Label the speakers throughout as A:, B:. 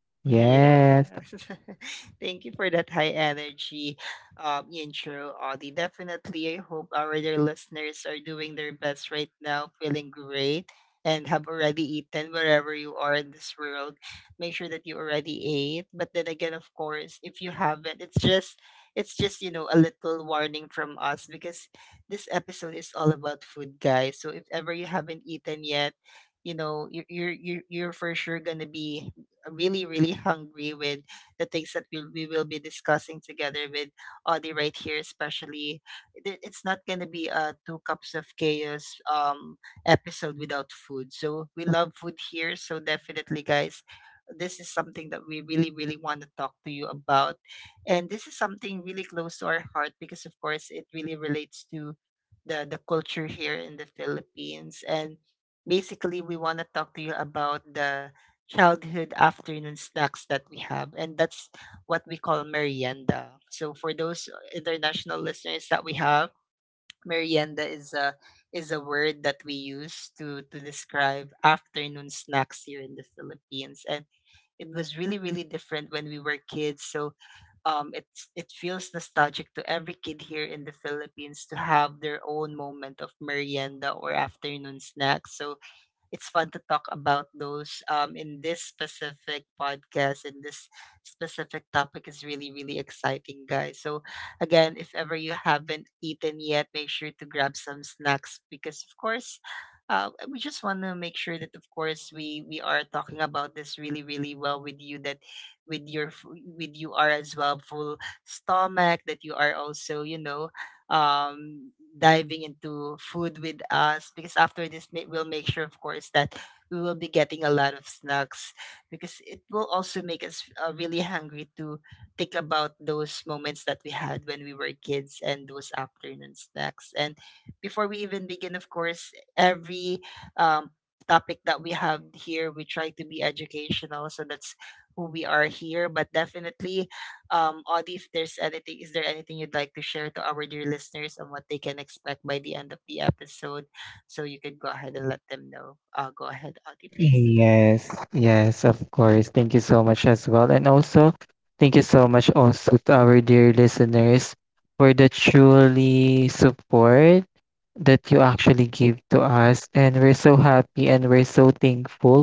A: Hello
B: Yes.
A: guys, I'm back.
B: Thank you
A: How are
B: for
A: you
B: that high
A: today? How are you
B: energy
A: feeling?
B: intro, Audie.
A: Yes.
B: Definitely, I hope our dear listeners are doing their best right now, feeling great, and have already eaten wherever you are in this world. Make sure that you already ate. But then again, of course, if you haven't, it's just you know a little warning from us because this episode is all about food, guys. So if ever you haven't eaten yet, you know you're for sure gonna be really, really hungry with the things that we will be discussing together with Audie right here, especially. It's not going to be a two cups of chaos episode without food. So we love food here. So definitely, guys, this is something that we really, really want to talk to you about. And this is something really close to our heart because, of course, it really relates to the culture here in the Philippines. And basically, we want to talk to you about the childhood afternoon snacks that we have, and that's what we call merienda. So for those international listeners that we have, merienda is a word that we use to describe afternoon snacks here in the Philippines, and it was really really different when we were kids. So it feels nostalgic to every kid here in the Philippines to have their own moment of merienda or afternoon snacks. So it's fun to talk about those in this specific podcast, and this specific topic is really really exciting, guys. So again, if ever you haven't eaten yet, make sure to grab some snacks because of course, we just want to make sure that of course we are talking about this really really well with you, that with your f- with you are as well full stomach, that you are also you know diving into food with us because after this we'll make sure of course that we will be getting a lot of snacks because it will also make us really hungry to think about those moments that we had when we were kids and those afternoon snacks. And before we even begin, of course, every um, topic that we have here, we try to be educational, so that's who we are here. But definitely, Audie, if there's anything, is there anything you'd like to share to our dear listeners on what they can expect by the end of the episode? So you could go ahead and let them know. Go ahead, Audie, please.
A: Yes, yes, of course. Thank you so much as well. And also, thank you so much also to our dear listeners for the truly support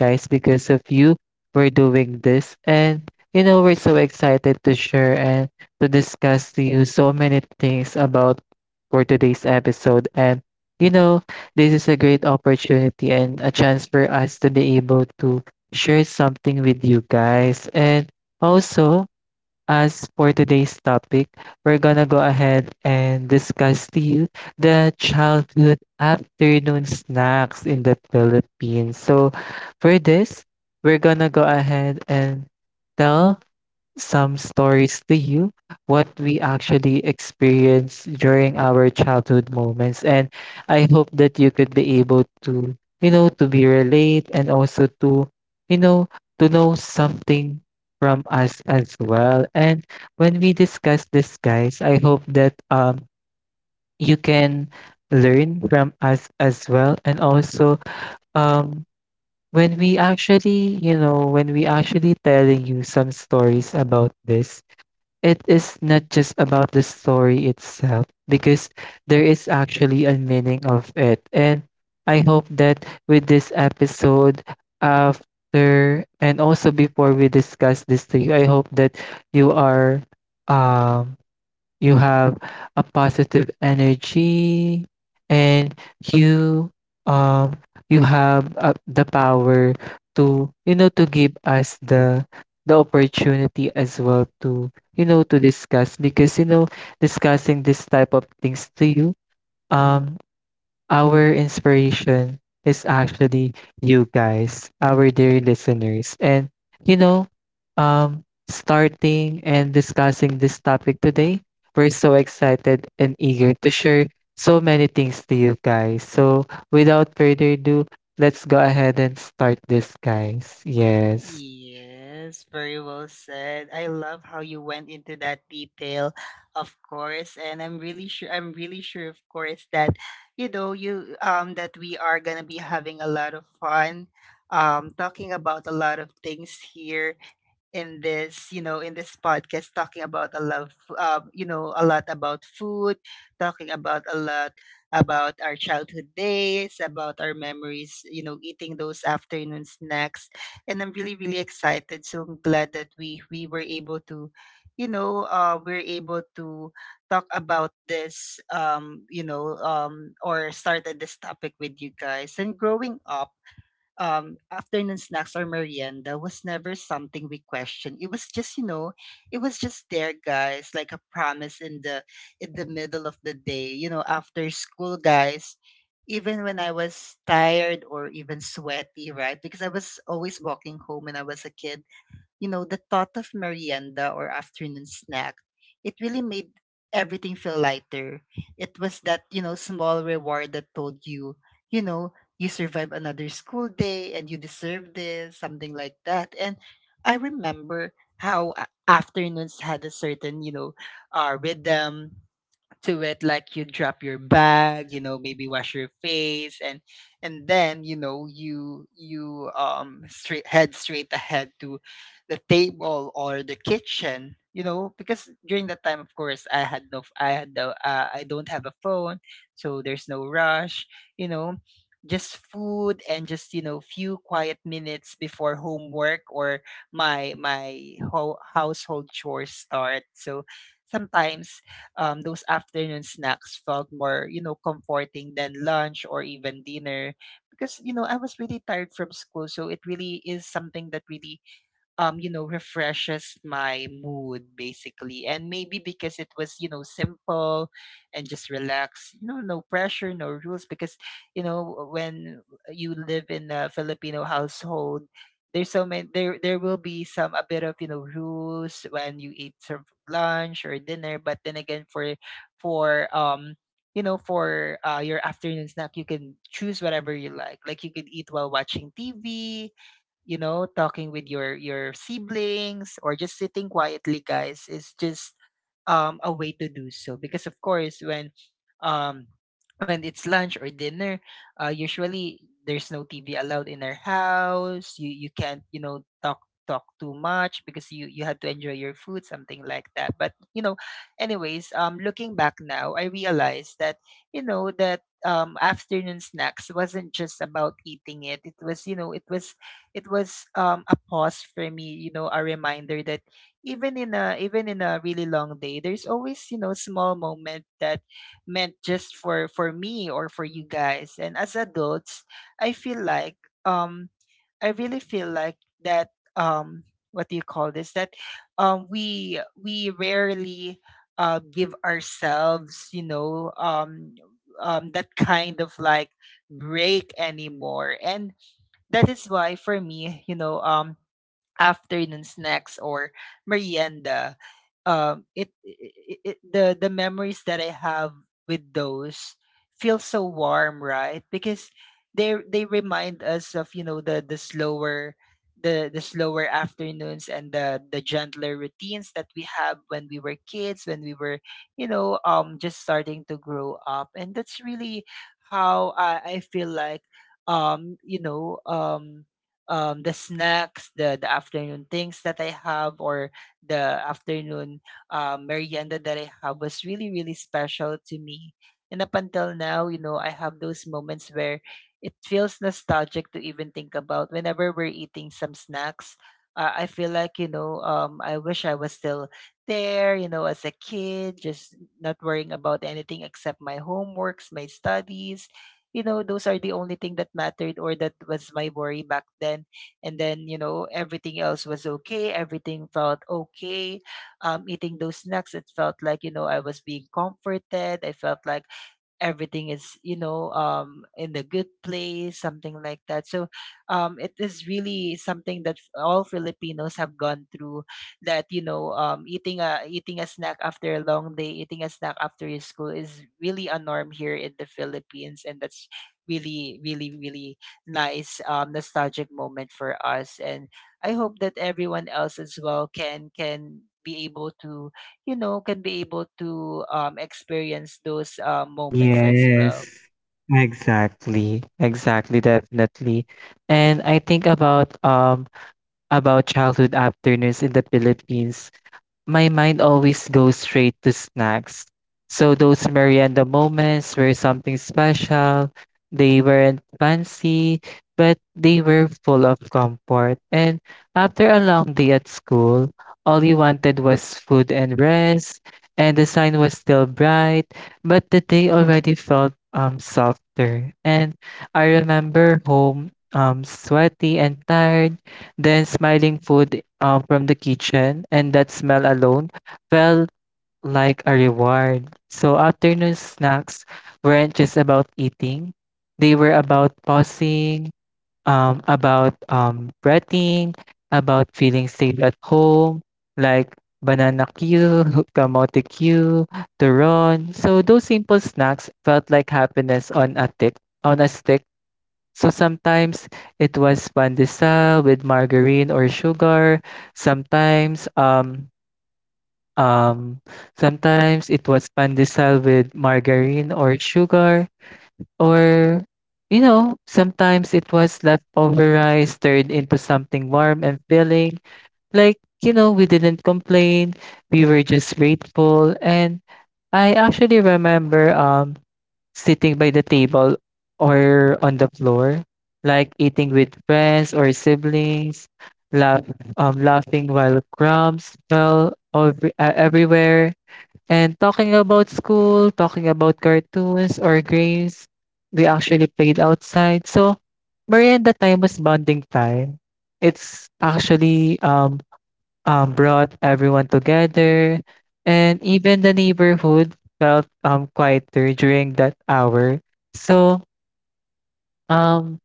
A: that you actually give to us. And we're so happy and we're so thankful for you guys because of you, we're doing this. And, you know, we're so excited to share and to discuss to you so many things about for today's episode. And, you know, this is a great opportunity and a chance for us to be able to share something with you guys. And also, as for today's topic, we're gonna go ahead and discuss to you the childhood afternoon snacks in the Philippines. So, for this, we're gonna go ahead and tell some stories to you what we actually experienced during our childhood moments. And I hope that you could be able to, you know, to be relate and also to, you know, to know something from us as well. And when we discuss this, guys, I hope that you can learn from us as well. And also um when we actually, you know, when we actually telling you some stories about this, it is not just about the story itself, because there is actually a meaning of it. And I hope that with this episode, after and also before we discuss this to you, I hope that you are um you have a positive energy and you um you have the power to, you know, to give us the opportunity as well to, you know, to discuss because, you know, discussing this type of things to you um our inspiration is actually you guys, our dear listeners. And you know, starting and discussing this topic today, we're so excited and eager to share so many things to you guys. So, without
B: Yes,
A: further
B: very
A: ado,
B: well
A: let's go
B: said. I
A: ahead and
B: love how
A: start
B: you went
A: this,
B: into that
A: guys.
B: detail,
A: Yes.
B: of course, and I'm really sure of course that you know you that we are going to be having a lot of fun talking about a lot of things here in this, you know, in this podcast, talking about a lot, of, you know, a lot about food, talking about a lot about our childhood days, about our memories, you know, eating those afternoon snacks. And I'm really, really excited. So I'm glad that we were able to, you know, we're able to talk about this, you know, or started this topic with you guys. And growing up, afternoon snacks or merienda was never something we questioned. It was just, you know, it was just there, guys, like a promise in the middle of the day. You know, after school, guys, even when I was tired or even sweaty, right? Because I was always walking home when I was a kid, you know, the thought of merienda or afternoon snack, it really made everything feel lighter. It was that, you know, small reward that told you, you know, you survived another school day and you deserve this, something like that. And I remember how afternoons had a certain, you know, rhythm to it. Like you drop your bag, you know, maybe wash your face, and then you know you you straight ahead to the table or the kitchen, you know, because during that time of course I had no I don't have a phone, so there's no rush, you know, just food and just you know few quiet minutes before homework or household chores start. So sometimes those afternoon snacks felt more, you know, comforting than lunch or even dinner because, you know, I was really tired from school. So it really is something that really you know, refreshes my mood basically. And maybe because it was, you know, simple and just relax, you know, no pressure, no rules. Because, you know, when you live in a Filipino household, there's so many there there will be some a bit of you know rules when you eat some lunch or dinner. But then again, for for um you know, for your afternoon snack, you can choose whatever you like. Like you can eat while watching TV, you know, talking with your siblings, or just sitting quietly, guys, is just a way to do so. Because of course um, when it's lunch or dinner, usually there's no TV allowed in our house. You can't you know talk too much because you had to enjoy your food, something like that. But you know, anyways, looking back now I realized that you know that afternoon snacks wasn't just about eating. It was, you know, it was a pause for me, you know, a reminder that even in a really long day, there's always you know small moment that meant just for me or for you guys. And as adults, I feel like um I really feel like that um what do you call this, that we rarely give ourselves you know that kind of like break anymore. And that is why for me, you know, afternoon snacks or merienda, it, it, it the memories that I have with those feel so warm, right? Because they remind us of, you know, the slower afternoons and the gentler routines that we have when we were kids, when we were, you know, just starting to grow up. And that's really how i feel like you know the snacks, the afternoon things that I have, or the afternoon merienda that I have was really really special to me. And up until now, you know, I have those moments where it feels nostalgic to even think about. Whenever we're eating some snacks, I feel like, you know, I wish I was still there, you know, as a kid, just not worrying about anything except my homeworks, my studies. You know, those are the only thing that mattered or that was my worry back then. And then, you know, everything else was okay. Everything felt okay. Eating those snacks, it felt like, you know, I was being comforted. I felt like everything is you know in the good place, something like that. So it is really something that all filipinos have gone through, that you know eating a eating a snack after a long day, eating a snack after your school, is really a norm here in the philippines. And that's really really really nice nostalgic moment for us. And I hope that everyone else as well can be able to, you know, can be able to experience those moments as well.
A: Yes, exactly, exactly, definitely. And I think about childhood afternoons in the Philippines, my mind always goes straight to snacks. So those merienda moments were something special. They weren't fancy, but they were full of comfort. And after a long day at school, all you wanted was food and rest, and the sun was still bright, but the day already felt softer. And I remember home sweaty and tired then smiling food from the kitchen, and that smell alone felt like a reward. So afternoon snacks weren't just about eating, they were about pausing, about breathing, about feeling safe at home, like banana queue, kamote queue, turon. So those simple snacks felt like happiness on a tick, on a stick, so sometimes it was pandesal with margarine or sugar. Sometimes um um sometimes it was pandesal with margarine or sugar, or you know, sometimes it was leftover rice turned into something warm and filling. Like, you know, we didn't complain. We were just grateful. And I actually remember sitting by the table or on the floor, like eating with friends or siblings, laugh, laughing while crumbs fell over, everywhere, and talking about school, talking about cartoons or games we actually played outside. So, merienda time was bonding time. It's actually brought everyone together, and even the neighborhood felt quieter during that hour. So um,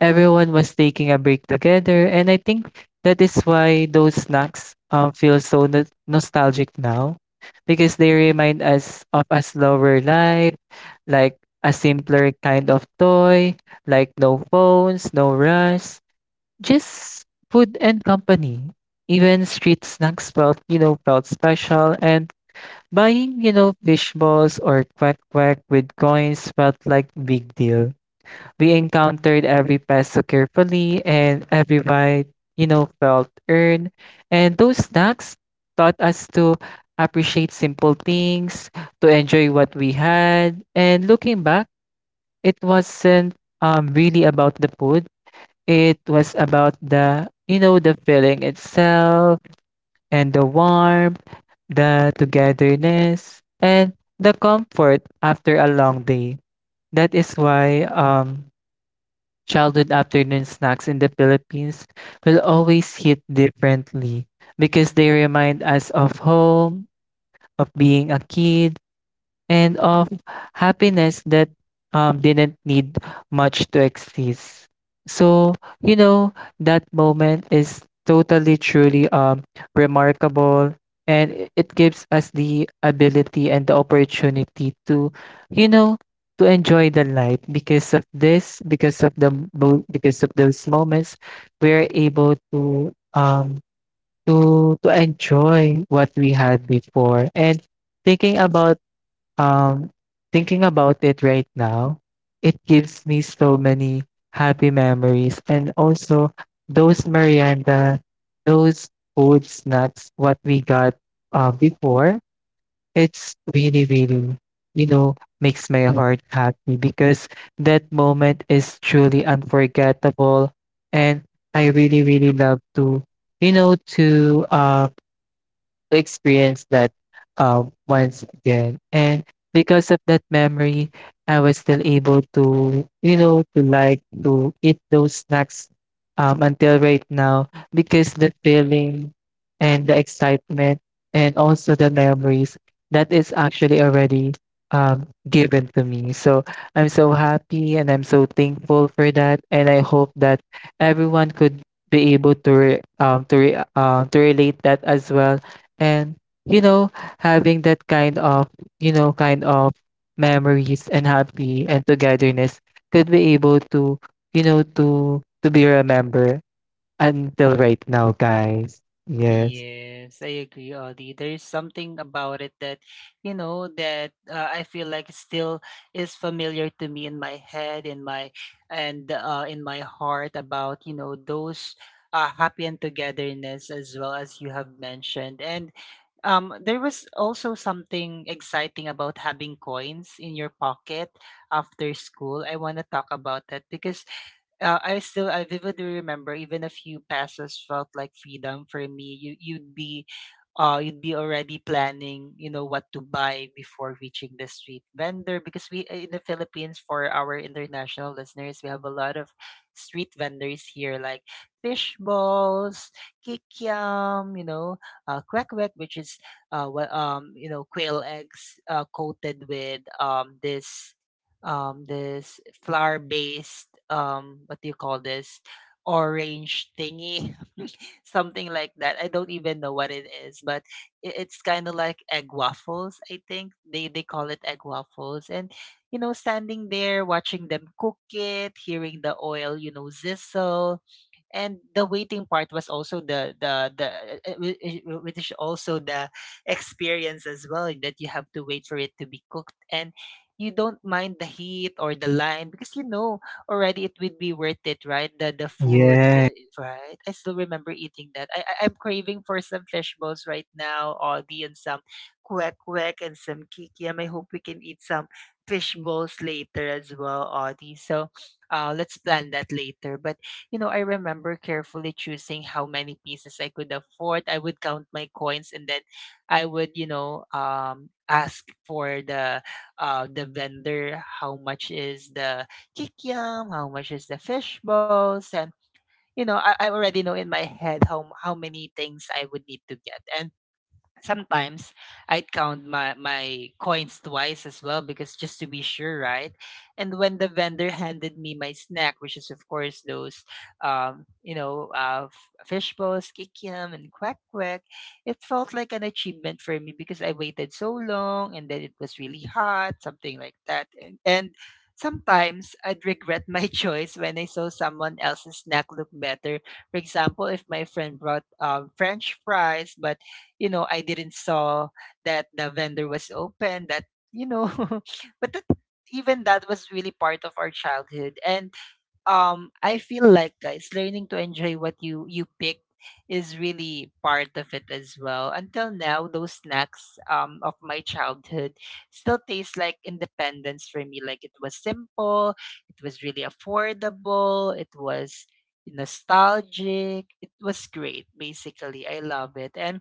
A: everyone was taking a break together, and I think that is why those snacks feel so nostalgic now because they remind us of a slower life, like a simpler kind of toy, like no phones, no rush, just food and company. Even street snacks felt, you know, felt special. And buying, you know, fish balls or quack quack with coins felt like big deal. We encountered every peso carefully, and every bite, you know, felt earned. And those snacks taught us to appreciate simple things, to enjoy what we had. And looking back, it wasn't really about the food. It was about the, you know, the feeling itself and the warmth, the togetherness, and the comfort after a long day. That is why childhood afternoon snacks in the Philippines will always hit differently because they remind us of home, of being a kid, and of happiness that didn't need much to exist. So, you know, that moment is totally, truly remarkable. And it gives us the ability and the opportunity to, you know, to enjoy the life. Because of this, because of the because of those moments, we are able to to enjoy what we had before. And thinking about um, thinking about it right now, it gives me so many happy memories. And also those Miranda, those food snacks, what we got before, it's really, really, you know, makes my heart happy because that moment is truly unforgettable. And I really, really love to, you know, to experience that once again. And because of that memory, I was still able to, you know, to like to eat those snacks until right now because the feeling and the excitement and also the memories that is actually already given to me. So I'm so happy and I'm so thankful for that. And I hope that everyone could be able to relate that as well, and you know, having that kind of, you know, kind of memories and happy and togetherness could be able to, you know, to be remembered until right now, guys. Yes.
B: Yes, I agree, Audie. There's something about it that, you know, that I feel like still is familiar to me in my head, in my and in my heart about, you know, those happy and togetherness as well as you have mentioned. And there was also something exciting about having coins in your pocket after school. I want to talk about that because I vividly remember even a few passes felt like freedom for me. You'd be already planning, you know, what to buy before reaching the street vendor because we in the Philippines, for our international listeners, we have a lot of street vendors here like fish balls, kikiam, you know, kwek kwek, which is what you know, quail eggs coated with this this flower based, what do you call this, orange thingy something like that. I don't even know what it is, but it's kind of like egg waffles. I think they call it egg waffles. And you know, standing there watching them cook it, hearing the oil, you know, sizzle, and the waiting part was also the which is also the experience as well, that you have to wait for it to be cooked. And you don't mind the heat or the line because, you know, already it would be worth it, right? The food,
A: Yeah.
B: right, I still remember eating that. I'm craving for some fish balls right now, Audi, and some kwek kwek and some kikiam. I hope we can eat some fish balls later as well, Audi, so let's plan that later. But you know, I remember carefully choosing how many pieces I could afford. I would count my coins, and then I would, you know, ask for the vendor how much is the kikyam, how much is the fish balls. And you know, I already know in my head how many things I would need to get. Sometimes I'd count my coins twice as well, because just to be sure, right? And when the vendor handed me my snack, which is of course those, fish balls, kikiam, and quack quack, it felt like an achievement for me because I waited so long, and then it was really hot, something like that, and sometimes I'd regret my choice when I saw someone else's snack look better. For example, if my friend brought, French fries, but you know, I didn't saw that the vendor was open, that, you know, but that, even that was really part of our childhood. And I feel like, guys, learning to enjoy what you pick is really part of it as well. Until now, those snacks, of my childhood still taste like independence for me. Like, it was simple, it was really affordable, it was nostalgic, it was great, basically. I love it. And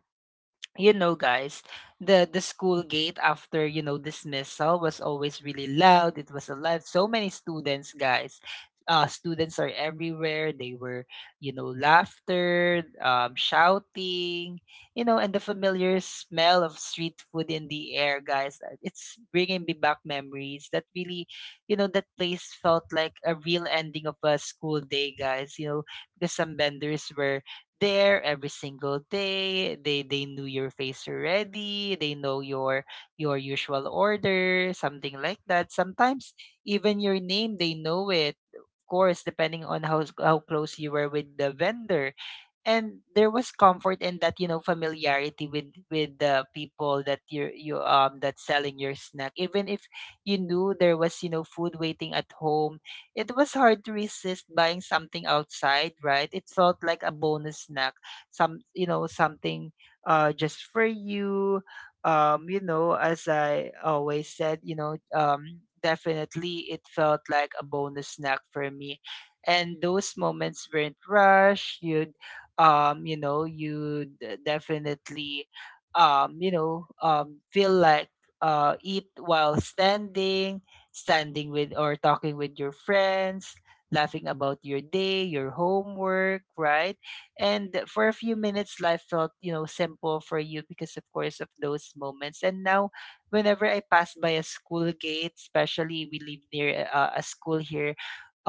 B: you know, guys, the school gate after, you know, dismissal was always really loud. It was alive, so many students, guys. Students are everywhere. They were, you know, laughter, shouting, you know, and the familiar smell of street food in the air, guys. It's bringing me back memories that really, you know, that place felt like a real ending of a school day, guys, you know, because some vendors were there every single day. They knew your face already. They know your usual order, something like that. Sometimes even your name, they know it. Of course, depending on how close you were with the vendor. And there was comfort in that, you know, familiarity with the people that you that's selling your snack. Even if you knew there was, you know, food waiting at home, it was hard to resist buying something outside, right? It felt like a bonus snack, some, you know, something just for you. Um, you know, as I always said, you know, definitely it felt like a bonus snack for me. And those moments weren't rushed. You know, you definitely, you know, feel like eat while standing with or talking with your friends, laughing about your day, your homework, right? And for a few minutes, life felt, you know, simple for you, because of course of those moments. And now whenever I pass by a school gate, especially, we live near a school here,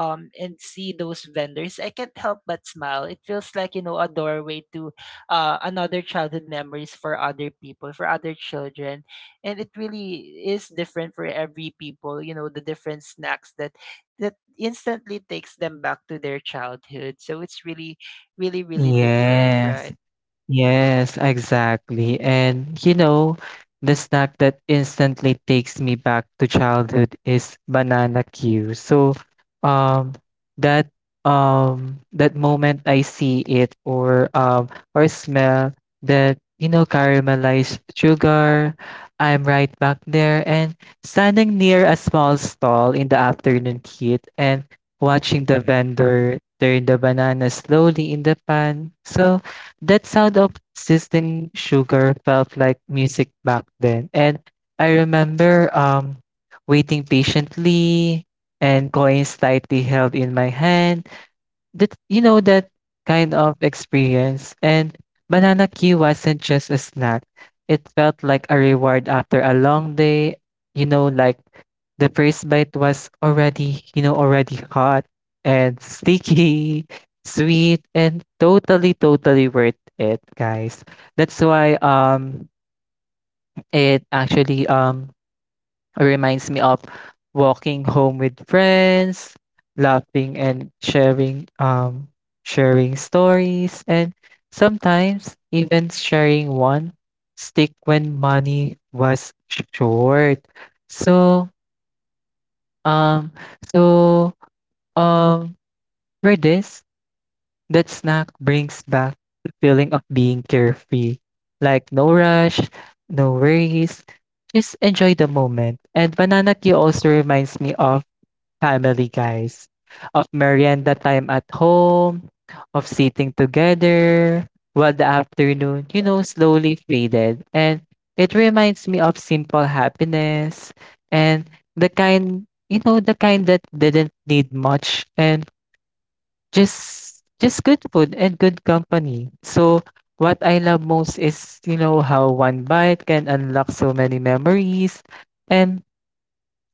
B: and see those vendors, I can't help but smile. It feels like, you know, a doorway to another childhood memories for other people, for other children. And it really is different for every people, you know, the different snacks that that instantly takes them back to their childhood. So it's really, really, really different,
A: Yes.
B: right?
A: Yes, exactly. And you know, the snack that instantly takes me back to childhood is banana Q. So, um, that that moment I see it, or smell that, you know, caramelized sugar, I'm right back there and standing near a small stall in the afternoon heat and watching the vendor turn the banana slowly in the pan. So that sound of sizzling sugar felt like music back then. And I remember waiting patiently and coins slightly held in my hand. That, you know, that kind of experience. And banana Q wasn't just a snack. It felt like a reward after a long day. You know, like the first bite was already, you know, already hot and sticky, sweet, and totally, totally worth it, guys. That's why it actually reminds me of walking home with friends, laughing and sharing sharing stories, and sometimes even sharing one stick when money was short. So um so um for this, that snack brings back the feeling of being carefree. Like no rush, no worries. Just enjoy the moment. And banana Q also reminds me of family, guys, of merienda time at home, of sitting together while the afternoon, you know, slowly faded. And it reminds me of simple happiness and the kind, you know, the kind that didn't need much, and just just good food and good company. So what I love most is, you know, how one bite can unlock so many memories. And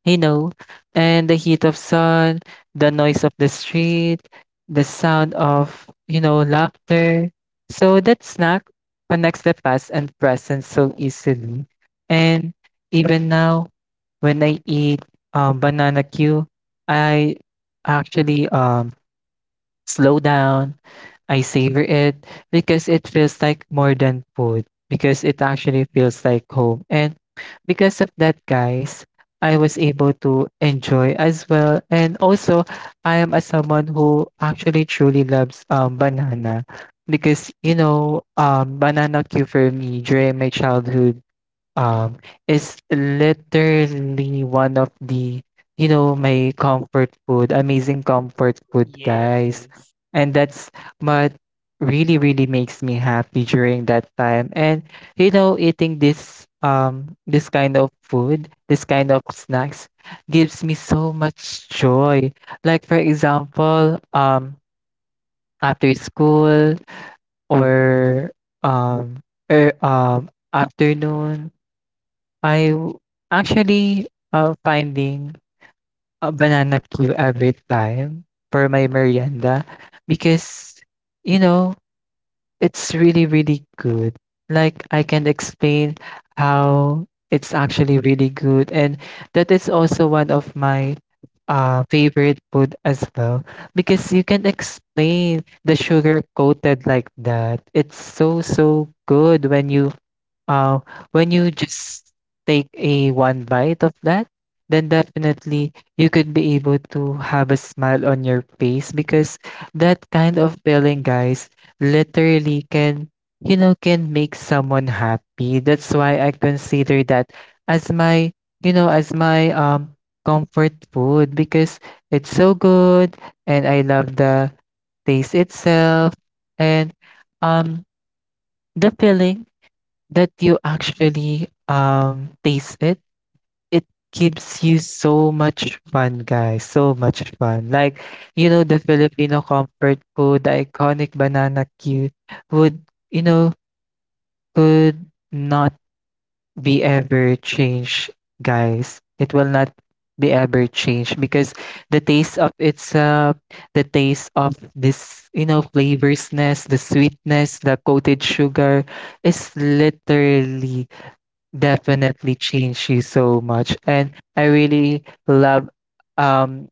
A: you know, and the heat of sun, the noise of the street, the sound of, you know, laughter. So that snack connects the past and present so easily. And even now, when I eat banana Q, I actually slow down. I savor it because it feels like more than food, because it actually feels like home. And because of that, guys, I was able to enjoy as well. And also, I am a someone who actually truly loves banana, because you know, banana queue for me during my childhood, Um, it's literally one of the, you know, my comfort food, amazing comfort food, guys.
B: Yes.
A: And that's what really, really makes me happy during that time. And you know, eating this this kind of food, this kind of snacks, gives me so much joy. Like for example, after school, or um afternoon, I w- actually, finding a banana queue every time for my merienda, because, you know, it's really, really good. Like, I can explain how it's actually really good. And that is also one of my favorite food as well, because you can explain the sugar coated like that. It's so, so good. When you uh, when you just take a one bite of that, then definitely you could be able to have a smile on your face, because that kind of feeling, guys, literally can, you know, can make someone happy. That's why I consider that as my, as my comfort food because it's so good and I love the taste itself and um the feeling that you actually taste it gives you so much fun, guys, so much fun. Like, you know, the Filipino comfort food, the iconic banana cue would, you know, could not be ever changed, guys. It will not be ever changed because the taste of its the taste of this, you know, flavorsness, the sweetness, the coated sugar is literally definitely changed you so much. And I really love, um,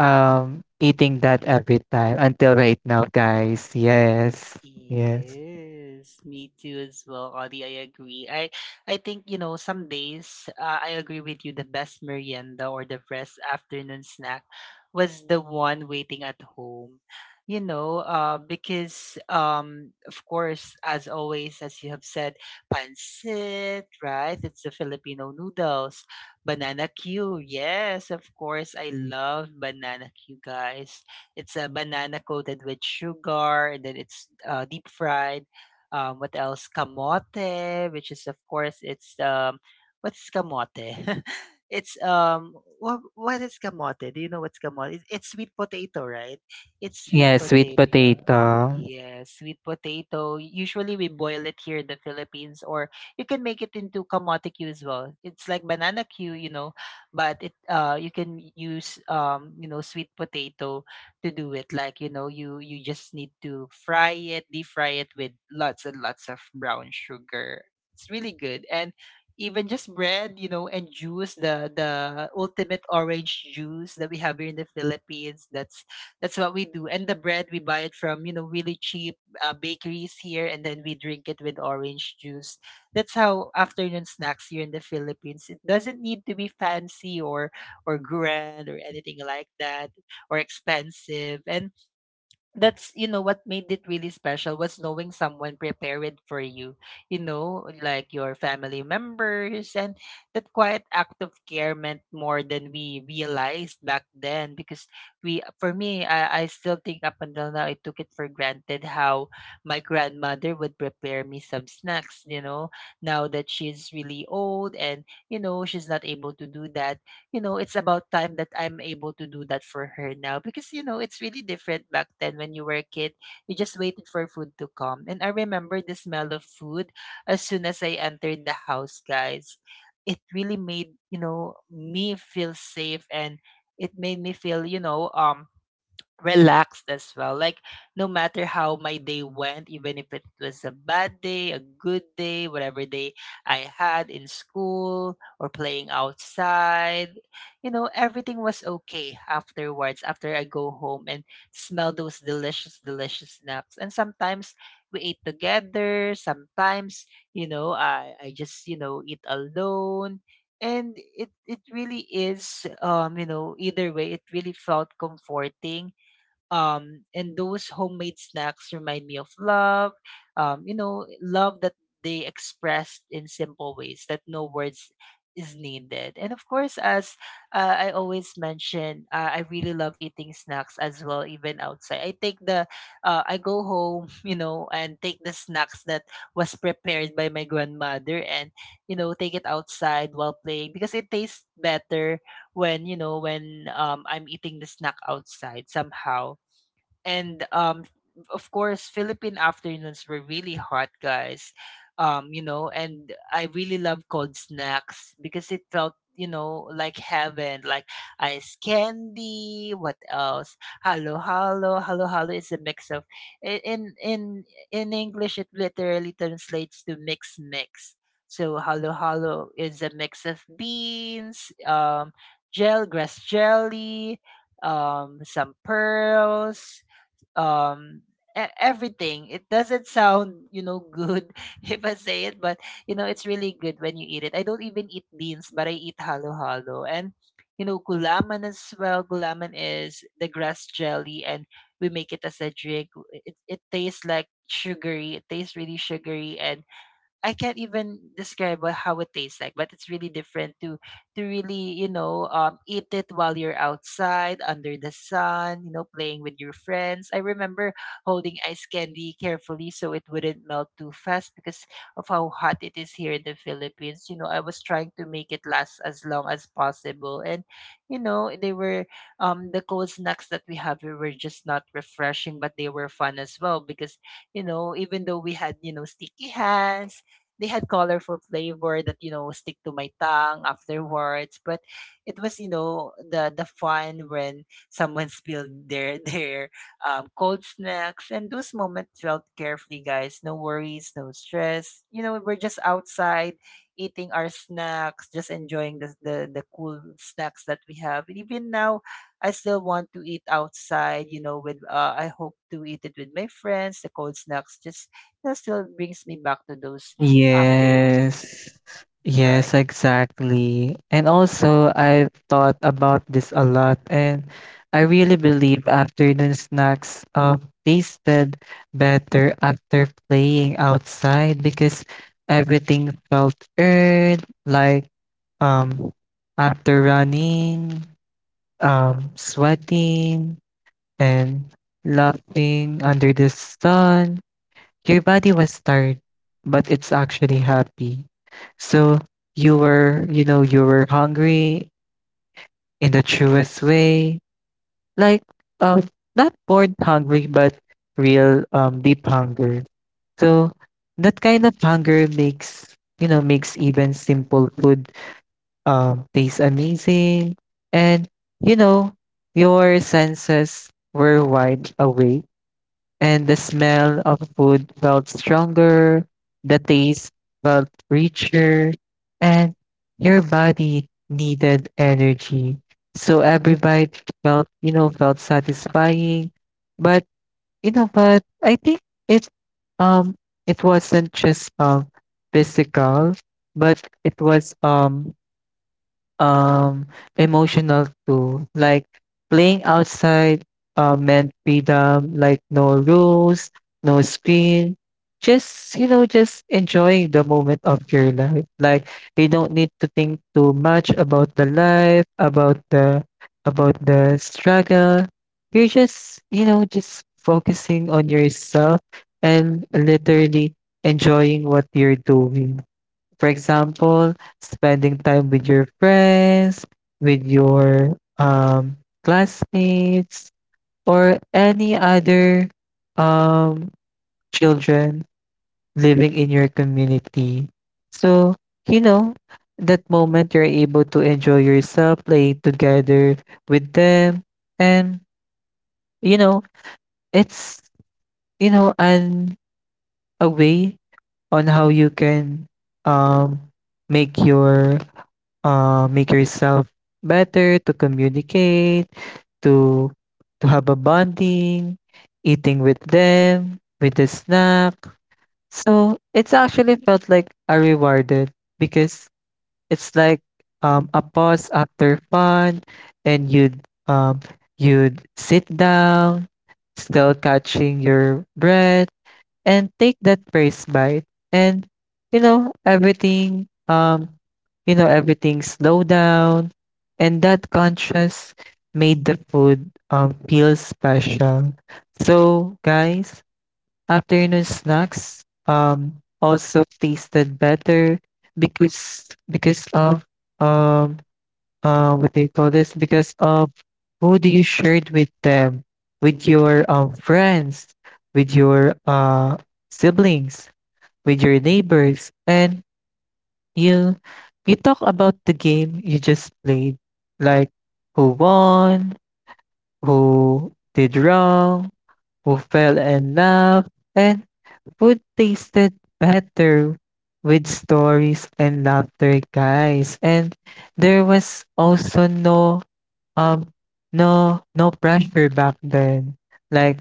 A: eating that every time until right now, guys. Yes, yes.
B: Yes, me too as well, Audie. I agree. I think, you know, some days, I agree with you. The best merienda or the best afternoon snack was the one waiting at home. You know, because of course, as always, as you have said, pancit, right? It's the Filipino noodles, banana Q. Yes, of course, I love banana Q, guys. It's a banana coated with sugar, and then it's deep fried. What else? Kamote, which is of course it's what's kamote? It's what is kamote? Do you know what's kamote? It's sweet potato, right? It's sweet
A: Yes, sweet
B: potato.
A: potato.
B: Yes, sweet potato. Usually we boil it here in the Philippines, or you can make it into kamote Q as well. It's like banana Q, you know, but it you can use you know, sweet potato to do it. Like, you know, you just need to fry it, deep fry it with lots and lots of brown sugar. It's really good. And even just bread, you know, and juice, the ultimate orange juice that we have here in the Philippines. That's what we do. And the bread, we buy it from, you know, really cheap bakeries here, and then we drink it with orange juice. That's how afternoon snacks here in the Philippines. It doesn't need to be fancy or grand or anything like that, or expensive. And that's, you know, what made it really special was knowing someone prepared it for you, you know, like your family members. And that quiet act of care meant more than we realized back then, because we, for me, I still think up until now, I took it for granted how my grandmother would prepare me some snacks, you know, now that she's really old, and, you know, she's not able to do that. You know, it's about time that I'm able to do that for her now, because you know, it's really different back then when you were a kid. You just waited for food to come. And I remember the smell of food as soon as I entered the house, guys. It really made, you know, me feel safe, and it made me feel, you know, relaxed as well. Like, no matter how my day went, even if it was a bad day, a good day, whatever day I had in school or playing outside, you know, everything was okay afterwards after I go home and smell those delicious, delicious snacks. And sometimes we ate together, sometimes, you know, I just, you know, eat alone. And it really is you know, either way, it really felt comforting. Um, and those homemade snacks remind me of love, you know, love that they expressed in simple ways that no words is needed. And of course, as I always mention, I really love eating snacks as well, even outside. I take the, I go home, you know, and take the snacks that was prepared by my grandmother, and, you know, take it outside while playing because it tastes better when, you know, when I'm eating the snack outside somehow. And Of course, Philippine afternoons were really hot, guys. You know, and I really love cold snacks because it felt, you know, like heaven, like ice candy. What else? Halo halo, halo halo is a mix of i- in in in English it literally translates to mix mix. So halo halo is a mix of beans, gel grass jelly, some pearls, um everything. It doesn't sound, you know, good if I say it, but you know, it's really good when you eat it. I don't even eat beans, but I eat halo halo. And you know, gulaman as well. Gulaman is the grass jelly, and we make it as a drink. It tastes like sugary, it tastes really sugary. And I can't even describe what, how it tastes like, but it's really different to really, you know, eat it while you're outside under the sun, you know, playing with your friends. I remember holding ice candy carefully so it wouldn't melt too fast because of how hot it is here in the Philippines. You know, I was trying to make it last as long as possible. And you know, they were the cold snacks that we have here were just not refreshing, but they were fun as well because you know, even though we had, you know, sticky hands, they had colorful flavor that, you know, stick to my tongue afterwards. But it was, you know, the fun when someone spilled their their cold snacks. And those moments felt carefully, guys. No worries, no stress. You know, we're just outside eating our snacks, just enjoying the cool snacks that we have. And even now, I still want to eat outside, you know, with I hope to eat it with my friends. The cold snacks just still brings me back to those afternoon,
A: Yes. Yes,
B: right.
A: exactly. And also, I thought about this a lot, and I really believe afternoon snacks tasted better after playing outside because everything felt earned. Like, um after running, sweating, and laughing under the sun. Your body was tired, but it's actually happy. So you were, you know, you were hungry in the truest way. Like, um, not bored hungry, but real deep hunger. So that kind of hunger makes, you know, makes even simple food taste amazing. And you know, your senses were wide awake, and the smell of food felt stronger, the taste felt richer, and your body needed energy. So every bite felt, you know, felt satisfying. But you know, but I think it um it wasn't just physical, but it was um emotional too. Like playing outside meant freedom, like no rules, no screen. Just, you know, just enjoying the moment of your life. Like you don't need to think too much about the life, about the struggle. You're just, you know, just focusing on yourself and literally enjoying what you're doing. For example, spending time with your friends, with your classmates, or any other um, children living in your community. So, you know, that moment you're able to enjoy yourself, playing together with them. And, you know, it's, you know, an, a way on how you can um, make your make yourself better to communicate, to to have a bonding, eating with them, with the snack. So it's actually felt like I rewarded because it's like a pause after fun, and um, you'd sit down, still catching your breath and take that first bite, and you know everything um you know everything slow down. And that contrast made the food feel special. So guys, afternoon snacks also tasted better because of um what do you call this? Because of who do you shared with them, with your friends, with your siblings, with your neighbors, and you talk about the game you just played, like who won, who did wrong, who fell in love, and food tasted better with stories and laughter, guys. And there was also no um no pressure back then. Like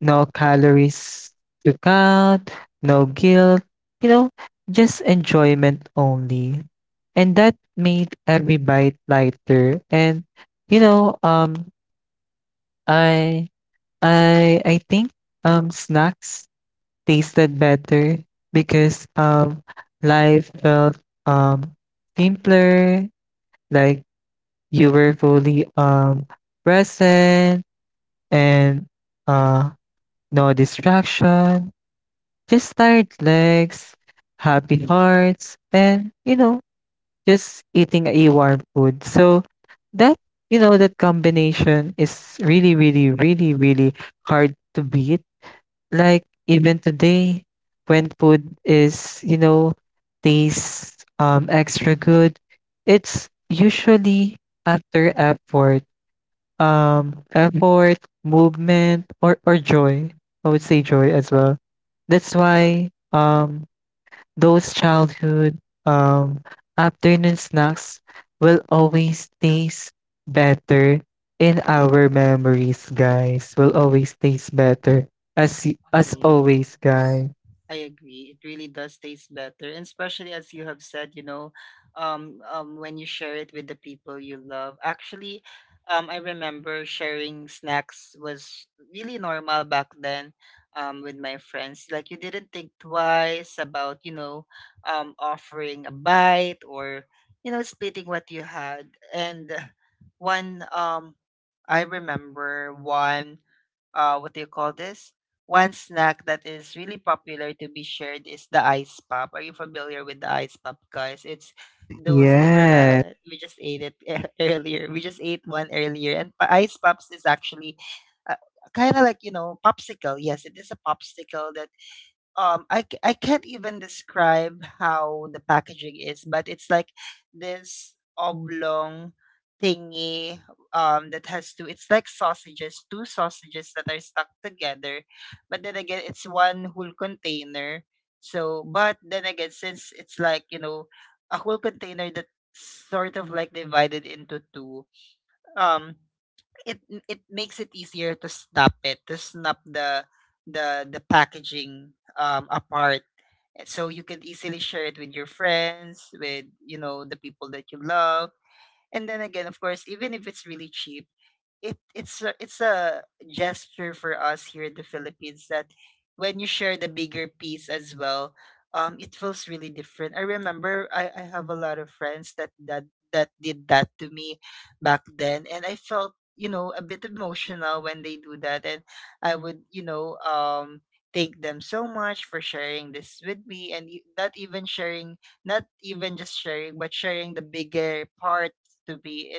A: no calories to count, no guilt, you know, just enjoyment only. And that made every bite lighter. And you know, I I think snacks tasted better because life felt um simpler, like you were fully present and uh no distraction, just tired legs, happy hearts, and you know, just eating a warm food. So that, you know, that combination is really, really, really, really hard to beat, like even today, when food is, you know, tastes extra good, it's usually after effort, effort, movement, or joy. I would say joy as well. That's why those childhood um, afternoon snacks will always taste better in our memories, guys. Will always taste better as as
B: Yeah.
A: always,
B: course.
A: guys.
B: I agree. It really does taste better, and especially as you have said, you know, when you share it with the people you love. Actually, I remember sharing snacks was really normal back then, with my friends. Like you didn't think twice about, you know, offering a bite or, you know, splitting what you had. And one I remember one what do you call this? One snack that is really popular to be shared is the ice pop. Are you familiar with the ice pop, guys? It's those
A: Yes,
B: we just ate it earlier. We just ate one earlier, and ice pops is actually, uh, kind of like, you know, popsicle. Yes, it is a popsicle. I can't even describe how the packaging is, but it's like this oblong thingy that has two, it's like sausages, two sausages that are stuck together, but then again it's one whole container. So but then again, since it's like, you know, a whole container that's sort of like divided into two, um it, it makes it easier to snap it, to snap the the packaging apart. So you can easily share it with your friends, with, you know, the people that you love. And then again, of course, even if it's really cheap, it's a gesture for us here in the Philippines that when you share the bigger piece as well, it feels really different. I remember I have a lot of friends that that did that to me back then, and I felt, you know, a bit emotional when they do that, and I would, you know, thank them so much for sharing this with me, and not even sharing, not even just sharing, but sharing the bigger part to me.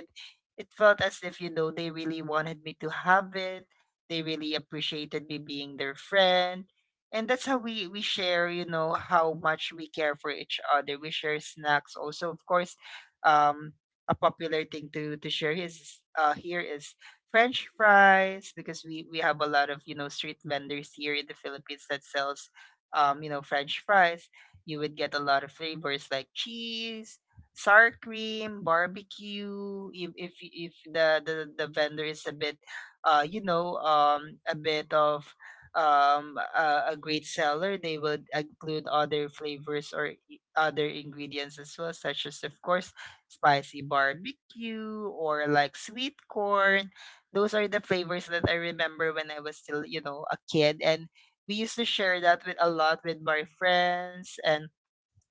B: It felt as if, you know, they really wanted me to have it. They really appreciated me being their friend. And that's how we share, you know, how much we care for each other. We share snacks also. Of course, um, a popular thing to share is, here, is French fries, because we have a lot of, you know, street vendors here in the Philippines that sells, you know, French fries. You would get a lot of flavors like cheese, sour cream, barbecue. If if the vendor is a bit, you know, a bit of a great seller, they would include other flavors or other ingredients as well, such as, of course, spicy barbecue or like sweet corn. Those are the flavors that I remember when I was still, you know, a kid, and we used to share that with a lot with my friends, and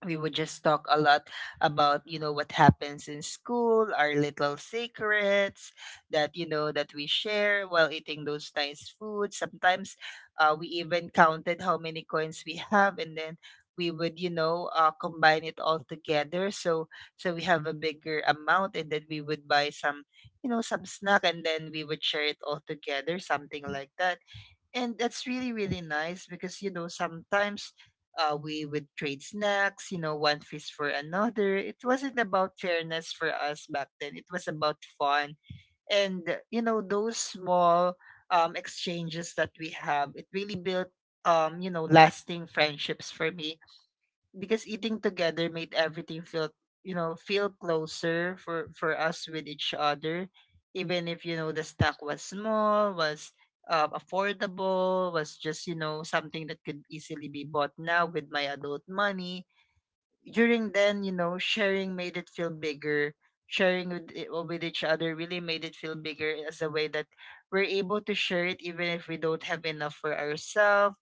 B: we would just talk a lot about, you know, what happens in school, our little secrets that, you know, that we share while eating those nice foods. Sometimes we even counted how many coins we have, and then we would, you know, combine it all together, so we have a bigger amount, and then we would buy some, you know, some snack, and then we would share it all together, something like that. And that's really, really nice because, you know, sometimes we would trade snacks, you know, one fist for another. It wasn't about fairness for us back then, it was about fun. And, you know, those small exchanges that we have, it really built, you know, lasting friendships for me, because eating together made everything feel, you know, feel closer for us with each other, even if, you know, the stack was small, was affordable, was just, you know, something that could easily be bought now with my adult money. During then, you know, sharing made it feel bigger. Sharing with with each other really made it feel bigger, as a way that we're able to share it even if we don't have enough for ourselves.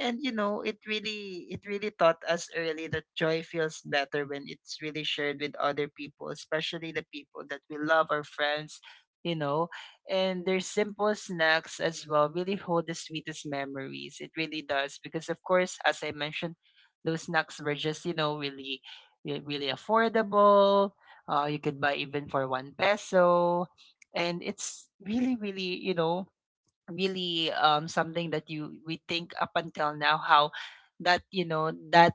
B: And you know, it really taught us early that joy feels better when it's really shared with other people, especially the people that we love, our friends, you know. And their simple snacks as well really hold the sweetest memories. It really does, because of course, as I mentioned, those snacks were just, you know, really really affordable. You could buy even for one peso, and it's really, really, you know, really, something that you we think up until now, how that you know that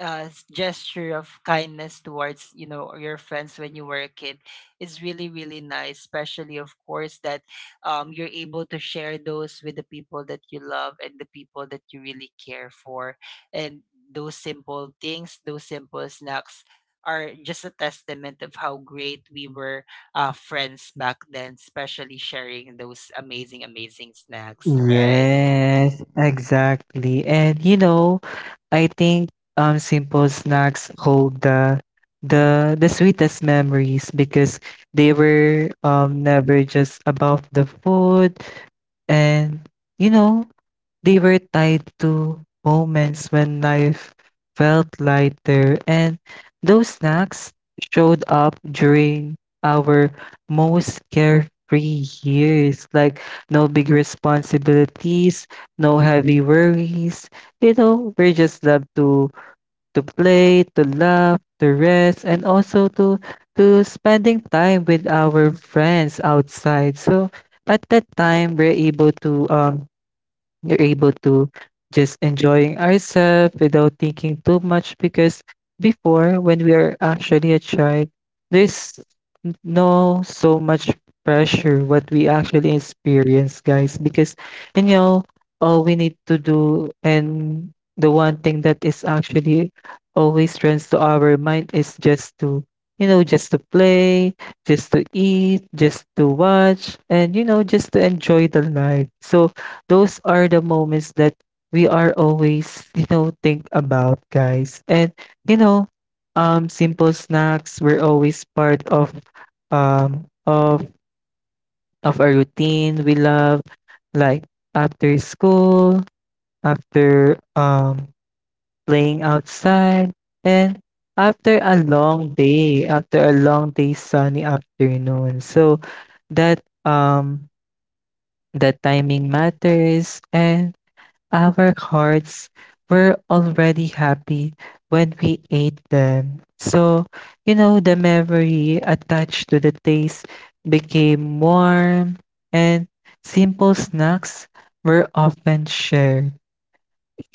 B: gesture of kindness towards, you know, your friends when you were a kid is really, really nice, especially, of course, that you're able to share those with the people that you love and the people that you really care for. And those simple things, those simple snacks, are just a testament of how great we were, friends back then, especially sharing those amazing, amazing snacks, right?
A: yes, exactly. And you know, I think simple snacks hold the the sweetest memories because they were never just about the food. And you know, they were tied to moments when life felt lighter, and those snacks showed up during our most carefree years. Like, no big responsibilities, no heavy worries. You know, we just love to play, to laugh, to rest, and also to spending time with our friends outside. So at that time, we're able to you're able to just enjoying ourselves without thinking too much because before when we are actually a child, there's no so much pressure what we actually experience, guys, because you know all we need to do and the one thing that is actually always runs to our mind is just to, you know, just to play, just to eat, just to watch, and you know, just to enjoy the life. So those are the moments that we are always, you know, think about, guys. And you know, simple snacks were always part of um of our routine. We love, like after school, after playing outside, and after a long day, after a long day sunny afternoon. So that the timing matters, and our hearts were already happy when we ate them. So, you know, the memory attached to the taste became warm. And simple snacks were often shared,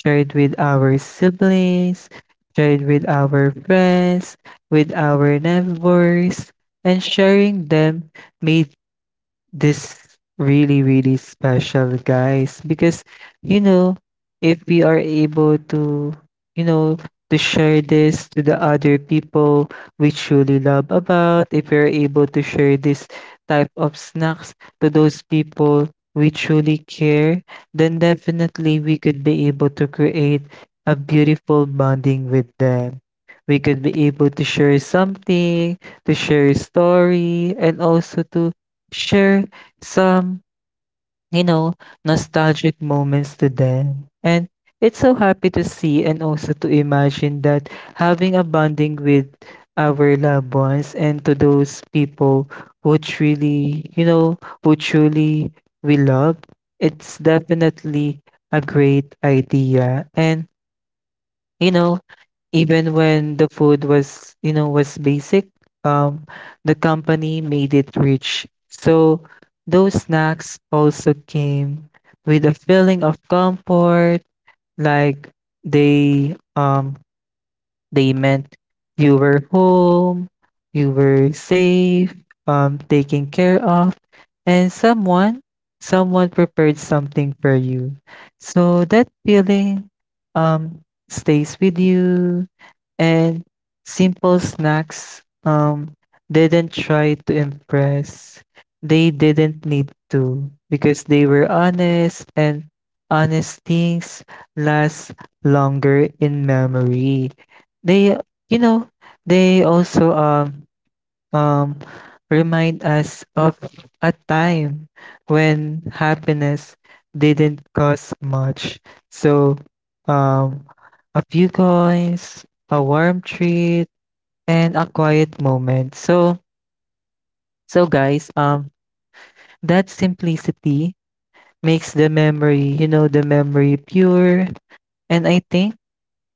A: shared with our siblings, shared with our friends, with our neighbors, and sharing them made this really, really special, guys. Because, you know, if we are able to, you know, to share this to the other people we truly love about, if we're able to share this type of snacks to those people we truly care, then definitely we could be able to create a beautiful bonding with them. We could be able to share something, to share a story, and also to share some, you know, nostalgic moments to them. And it's so happy to see and also to imagine that having a bonding with our loved ones and to those people who truly, you know, who truly we love, it's definitely a great idea. And, you know, even when the food was, you know, was basic, um, the company made it rich. So those snacks also came with a feeling of comfort, like they um they meant you were home, you were safe, taken care of, and someone prepared something for you. So that feeling um stays with you. And simple snacks didn't try to impress. They didn't need to because they were honest, and honest things last longer in memory. They, you know, they also um, remind us of a time when happiness didn't cost much. So, um, a few coins, a warm treat, and a quiet moment. So, so guys, that simplicity makes the memory, you know, the memory pure. And I think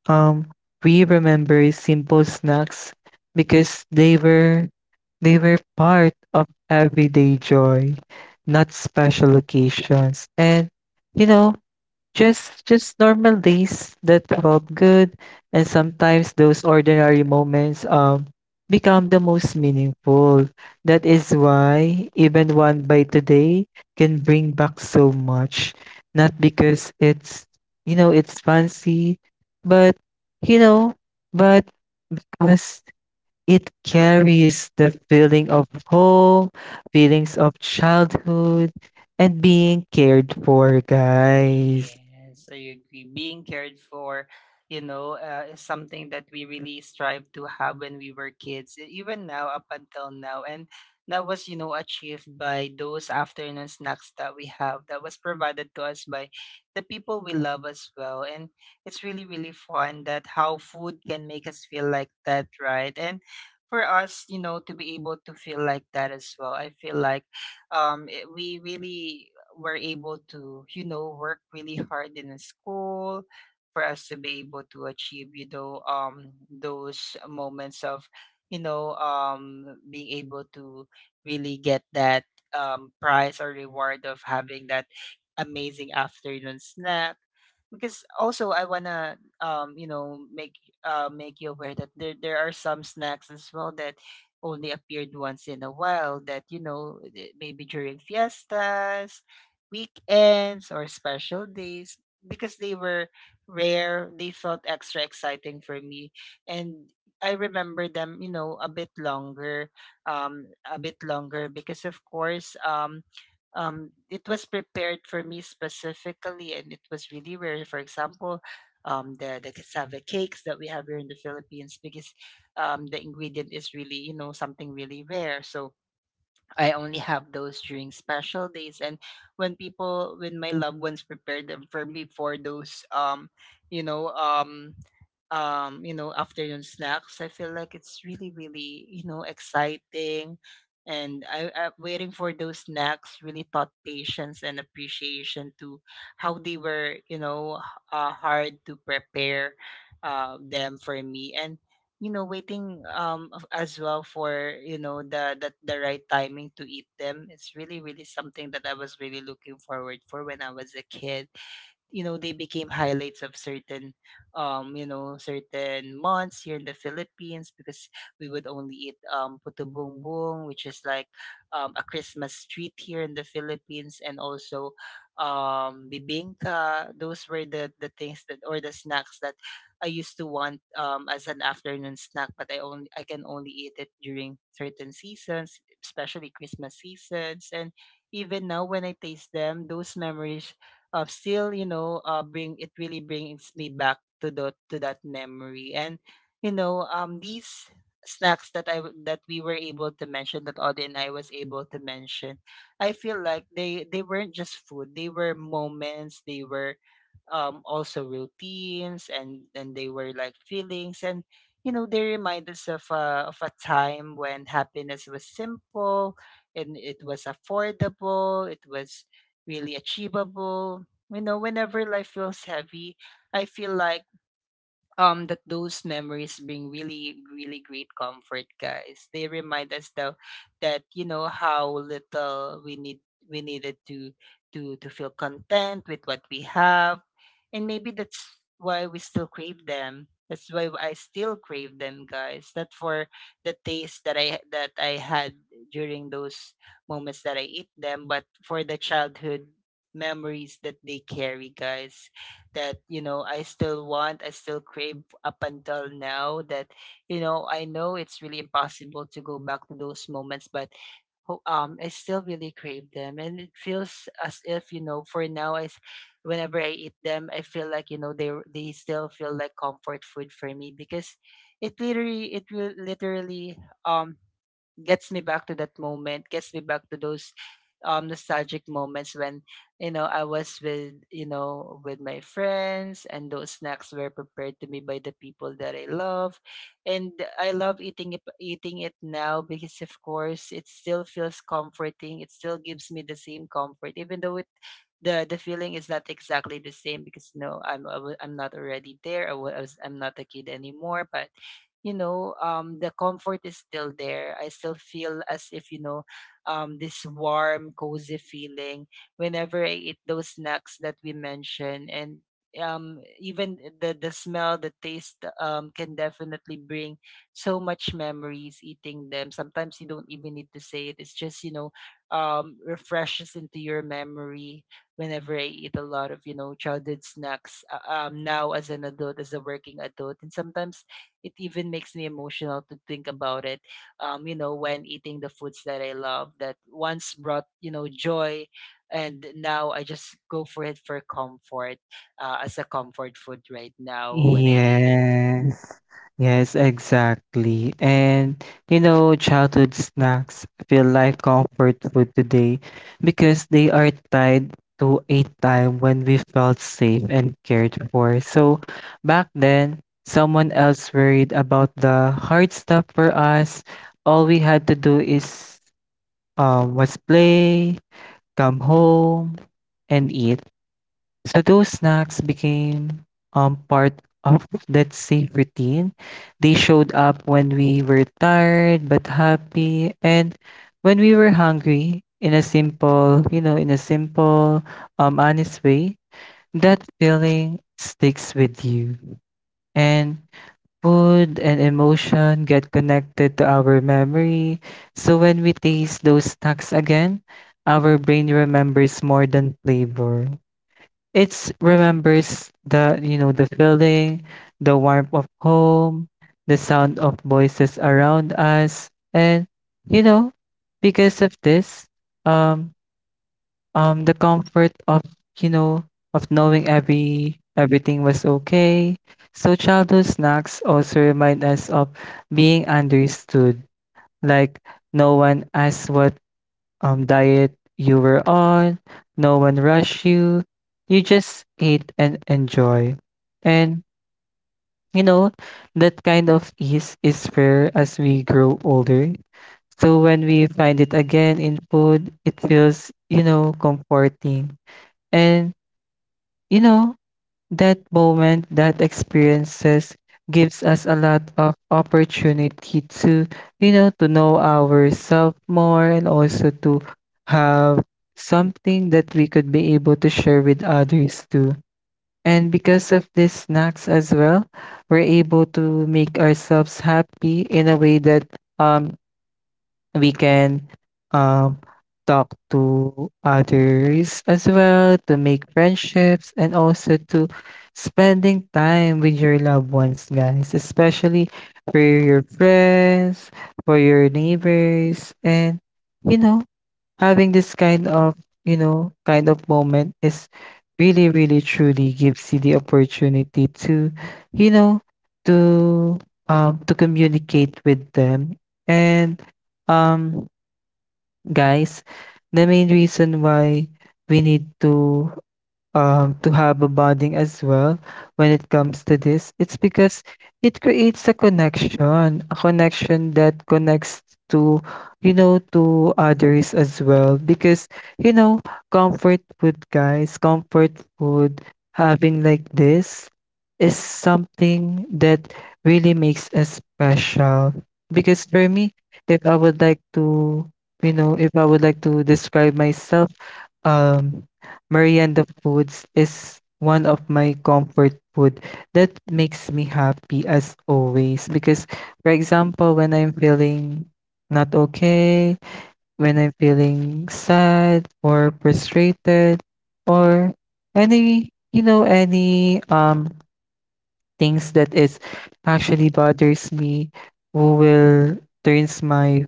A: Um, we remember simple snacks because they were part of everyday joy, not special occasions. And you know, just normal days that felt good, and sometimes those ordinary moments become the most meaningful. That is why even one bite today can bring back so much. Not because it's, you know, it's fancy, but you know, but because it carries the feeling of home, feelings of childhood, and being cared for, guys.
B: Yes, I agree. Being cared for, you know, is something that we really strive to have when we were kids, even now, up until now. And that was, you know, achieved by those afternoon snacks that we have, that was provided to us by the people we love as well. And it's really, really fun that how food can make us feel like that, right? And for us, you know, to be able to feel like that as well, I feel like, we really were able to, you know, work really hard in the school for us to be able to achieve, you know, those moments of, you know, being able to really get that prize or reward of having that amazing afternoon snack, because also I wanna, you know, make make you aware that there are some snacks as well that only appeared once in a while, that, you know, maybe during fiestas, weekends or special days. Because they were rare, they felt extra exciting for me, and I remember them, you know, a bit longer, a bit longer, because, of course, it was prepared for me specifically, and it was really rare. For example, the cassava cakes that we have here in the Philippines, because, the ingredient is really, you know, something really rare. So I only have those during special days, and when people, when my loved ones prepare them for me for those, you know um you know, afternoon snacks, I feel like it's really, really, you know, exciting. And I waiting for those snacks really taught patience and appreciation to how they were, you know, hard to prepare them for me, and you know, waiting as well for, you know, the right timing to eat them, it's really, really something that I was really looking forward for when I was a kid. You know, they became highlights of certain, you know, certain months here in the Philippines, because we would only eat, putubongbong, which is like, a Christmas treat here in the Philippines, and also bibingka. Those were the things that, or the snacks that I used to want as an afternoon snack, but I only, I can only eat it during certain seasons, especially Christmas seasons. And even now when I taste them, those memories, still, you know, bring it really brings me back to the, to that memory. And you know, these snacks that that we were able to mention, that Audie and I was able to mention, I feel like they weren't just food, they were moments, they were, also routines, and they were like feelings. And you know, they remind us of a time when happiness was simple, and it was affordable, it was really achievable. You know, whenever life feels heavy, I feel like, that those memories bring really, really great comfort, guys. They remind us though that, you know, how little we need, we needed to, to feel content with what we have. And maybe that's why we still crave them, that's why I still crave them, guys, not for the taste that I had during those moments that I eat them, but for the childhood memories that they carry, guys, that, you know, I still want, I still crave up until now. That, you know, I know it's really impossible to go back to those moments, but I still really crave them, and it feels as if, you know, for now whenever I eat them, I feel like, you They still feel like comfort food for me because it will literally um gets me back to that moment, gets me back to those nostalgic moments when I was with with my friends, and those snacks were prepared to me by the people that I love. And I love eating it now because of course it still feels comforting. It still gives me the same comfort, even though it the feeling is not exactly the same because no, I'm not already there. I'm not a kid anymore, but the comfort is still there. I still feel as if, this warm cozy feeling whenever I eat those snacks that we mentioned. And even the smell, the taste, can definitely bring so much memories. Eating them, sometimes you don't even need to say it, it's just, refreshes into your memory whenever I eat a lot of, you know, childhood snacks now as an adult, as a working adult. And sometimes it even makes me emotional to think about it, you know, when eating the foods that I love that once brought, you know, joy. And now I just go for it for comfort, as a comfort food right now when I eat it.
A: Yes, yes, exactly. And you know, childhood snacks feel like comfort food today because they are tied to a time when we felt safe and cared for. So back then, someone else worried about the hard stuff for us. All we had to do is was play, come home, and eat. So those snacks became part of that safe routine. They showed up when we were tired but happy, and when we were hungry in a simple, you know, in a simple, honest way. That feeling sticks with you. And food and emotion get connected to our memory. So when we taste those snacks again, our brain remembers more than flavor. It's remembers the, you know, the feeling, the warmth of home, the sound of voices around us, and you know, because of this, um, the comfort of, you know, of knowing everything was okay. So childhood snacks also remind us of being understood, like no one asks what, diet you were on. No one rushed you. You just ate and enjoy. And, you know, that kind of ease is rare as we grow older. So when we find it again in food, it feels, you know, comforting. And, you know, that moment, that experiences gives us a lot of opportunity to, you know, to know ourselves more and also to have something that we could be able to share with others too. And because of these snacks as well, we're able to make ourselves happy in a way that um we can um, talk to others as well to make friendships and also to spending time with your loved ones, guys, especially for your friends, for your neighbors, and you know, having this kind of, you know, kind of moment is really, really truly gives you the opportunity to, you know, to to communicate with them. And um guys, the main reason why we need to have a bonding as well when it comes to this. It's because it creates a connection that connects to, you know, to others as well. Because, you know, comfort food, guys, comfort food, having like this is something that really makes us special. Because for me, if I would like to, you know, if I would like to describe myself, um merienda foods is one of my comfort food that makes me happy as always. Because for example, when I'm feeling not okay, when I'm feeling sad or frustrated or any, you know, any things that is actually bothers me, who will turns my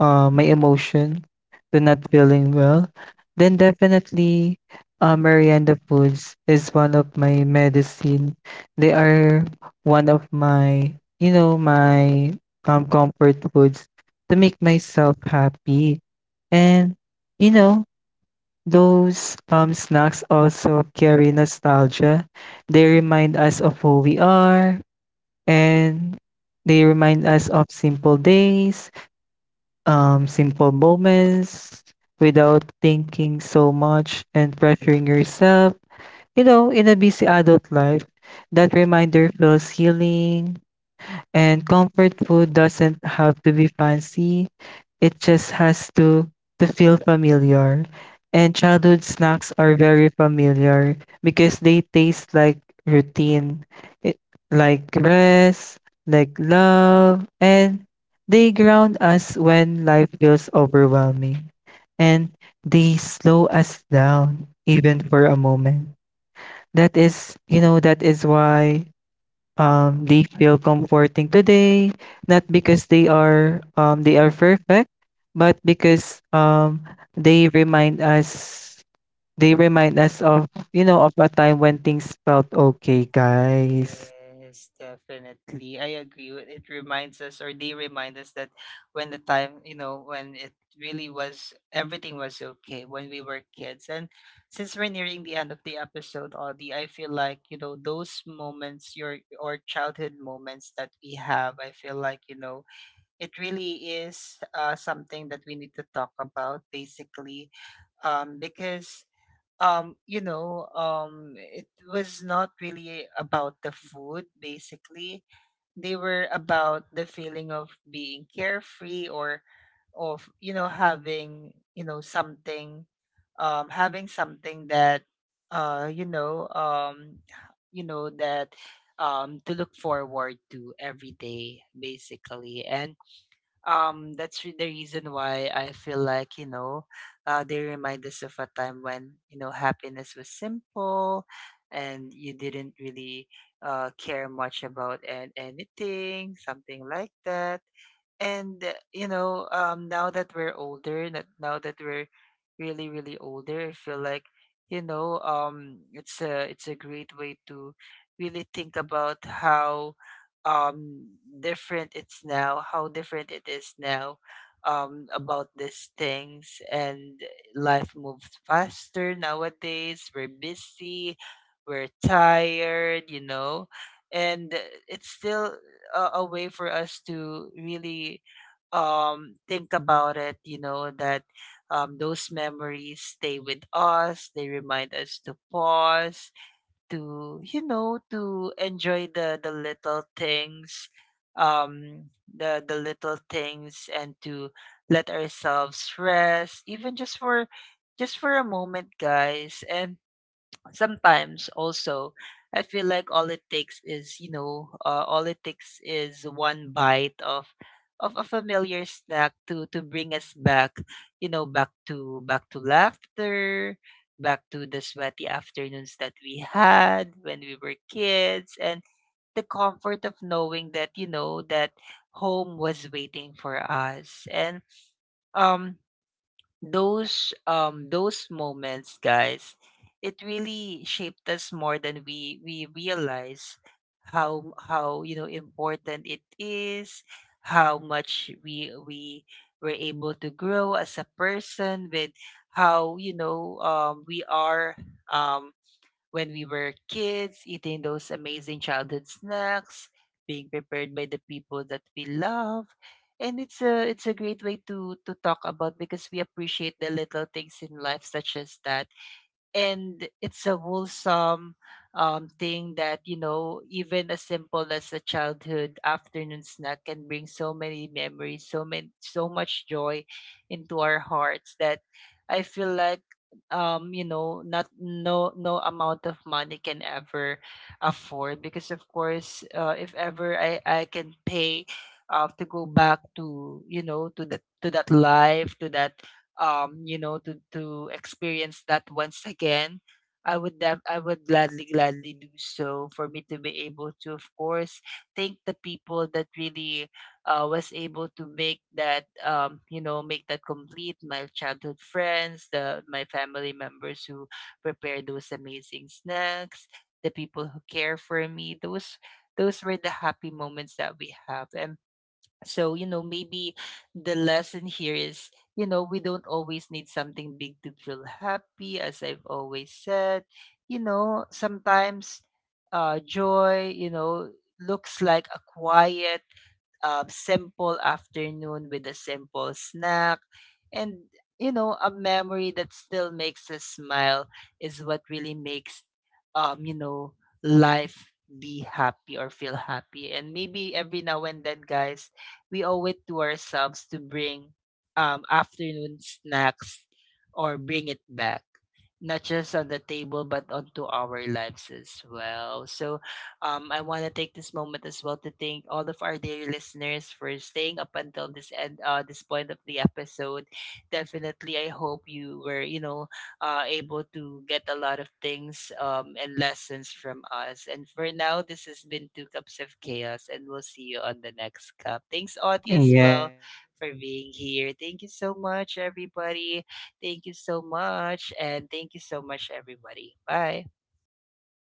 A: uh, my emotion to not feeling well, then definitely merienda foods is one of my medicine. They are one of my, you know, my comfort foods to make myself happy. And, you know, those snacks also carry nostalgia. They remind us of who we are, and they remind us of simple days, simple moments without thinking so much and pressuring yourself. You know, in a busy adult life, that reminder feels healing, and comfort food doesn't have to be fancy. It just has to feel familiar. And childhood snacks are very familiar because they taste like routine, it, like rest, like love, and they ground us when life feels overwhelming. And they slow us down even for a moment. That is, you know, that is why they feel comforting today, not because they are perfect, but because, they remind us, of, you know, of a time when things felt okay, guys.
B: Yes, definitely. I agree. It reminds us, or they remind us, that when the time, you know, when it really was, everything was okay when we were kids. And since we're nearing the end of the episode, Audie, I feel like, you know, those moments, your or childhood moments that we have, I feel like, you know, it really is something that we need to talk about, basically. Because it was not really about the food, basically. They were about the feeling of being carefree, or of, you know, having, you know, something, having something that uh you know um you know that to look forward to every day, basically. And the reason why I feel like, you know, they remind us of a time when, you know, happiness was simple and you didn't really, care much about anything, something like that. And you know, now that we're older, that now that we're really really older, I feel like, it's a, it's a great way to really think about how um different it's now how different it is now about these things. And life moves faster nowadays. We're busy, we're tired, you know. And it's still a way for us to really, think about it, you know, that those memories stay with us. They remind us to pause, to, you know, to enjoy the little things, the little things, and to let ourselves rest, even just for, just for a moment, guys. And sometimes also, I feel like all it takes is, you know, all it takes is one bite of a familiar snack to bring us back, you know, back to, back to laughter, back to the sweaty afternoons that we had when we were kids, and the comfort of knowing that, you know, that home was waiting for us. And um those, those moments, guys, it really shaped us more than we realize. How, you know, important it is, how much we were able to grow as a person with how, you know, we are um when we were kids, eating those amazing childhood snacks, being prepared by the people that we love. And it's a, it's a great way to talk about, because we appreciate the little things in life, such as that. And it's a wholesome, thing that, you know, even as simple as a childhood afternoon snack can bring so many memories, so many, so much joy into our hearts, that I feel like, you know, not, no, no amount of money can ever afford. Because of course, if ever, I can pay, to go back to, you know, to that, to that life, to that, you know, to experience that once again, I would gladly, gladly do so, for me to be able to, of course, thank the people that really, was able to make that, you know, make that complete. My childhood friends, the my family members who prepare those amazing snacks, the people who care for me. Those were the happy moments that we have. And so, you know, maybe the lesson here is, you know, we don't always need something big to feel happy, as I've always said. You know, sometimes, joy, you know, looks like a quiet, simple afternoon with a simple snack. And, you know, a memory that still makes us smile is what really makes, you know, life be happy or feel happy. And maybe every now and then, guys, we owe it to ourselves to bring, afternoon snacks, or bring it back, not just on the table but onto our lives as well. So I want to take this moment as well to thank all of our dear listeners for staying up until this end, this point of the episode. Definitely, I hope you were, you know, able to get a lot of things and lessons from us. And for now, this has been Two Cups of Chaos, and we'll see you on the next cup. Thanks, Audie, as well, for being here. Thank you so much, everybody. Thank you so much. And thank you so much, everybody. Bye.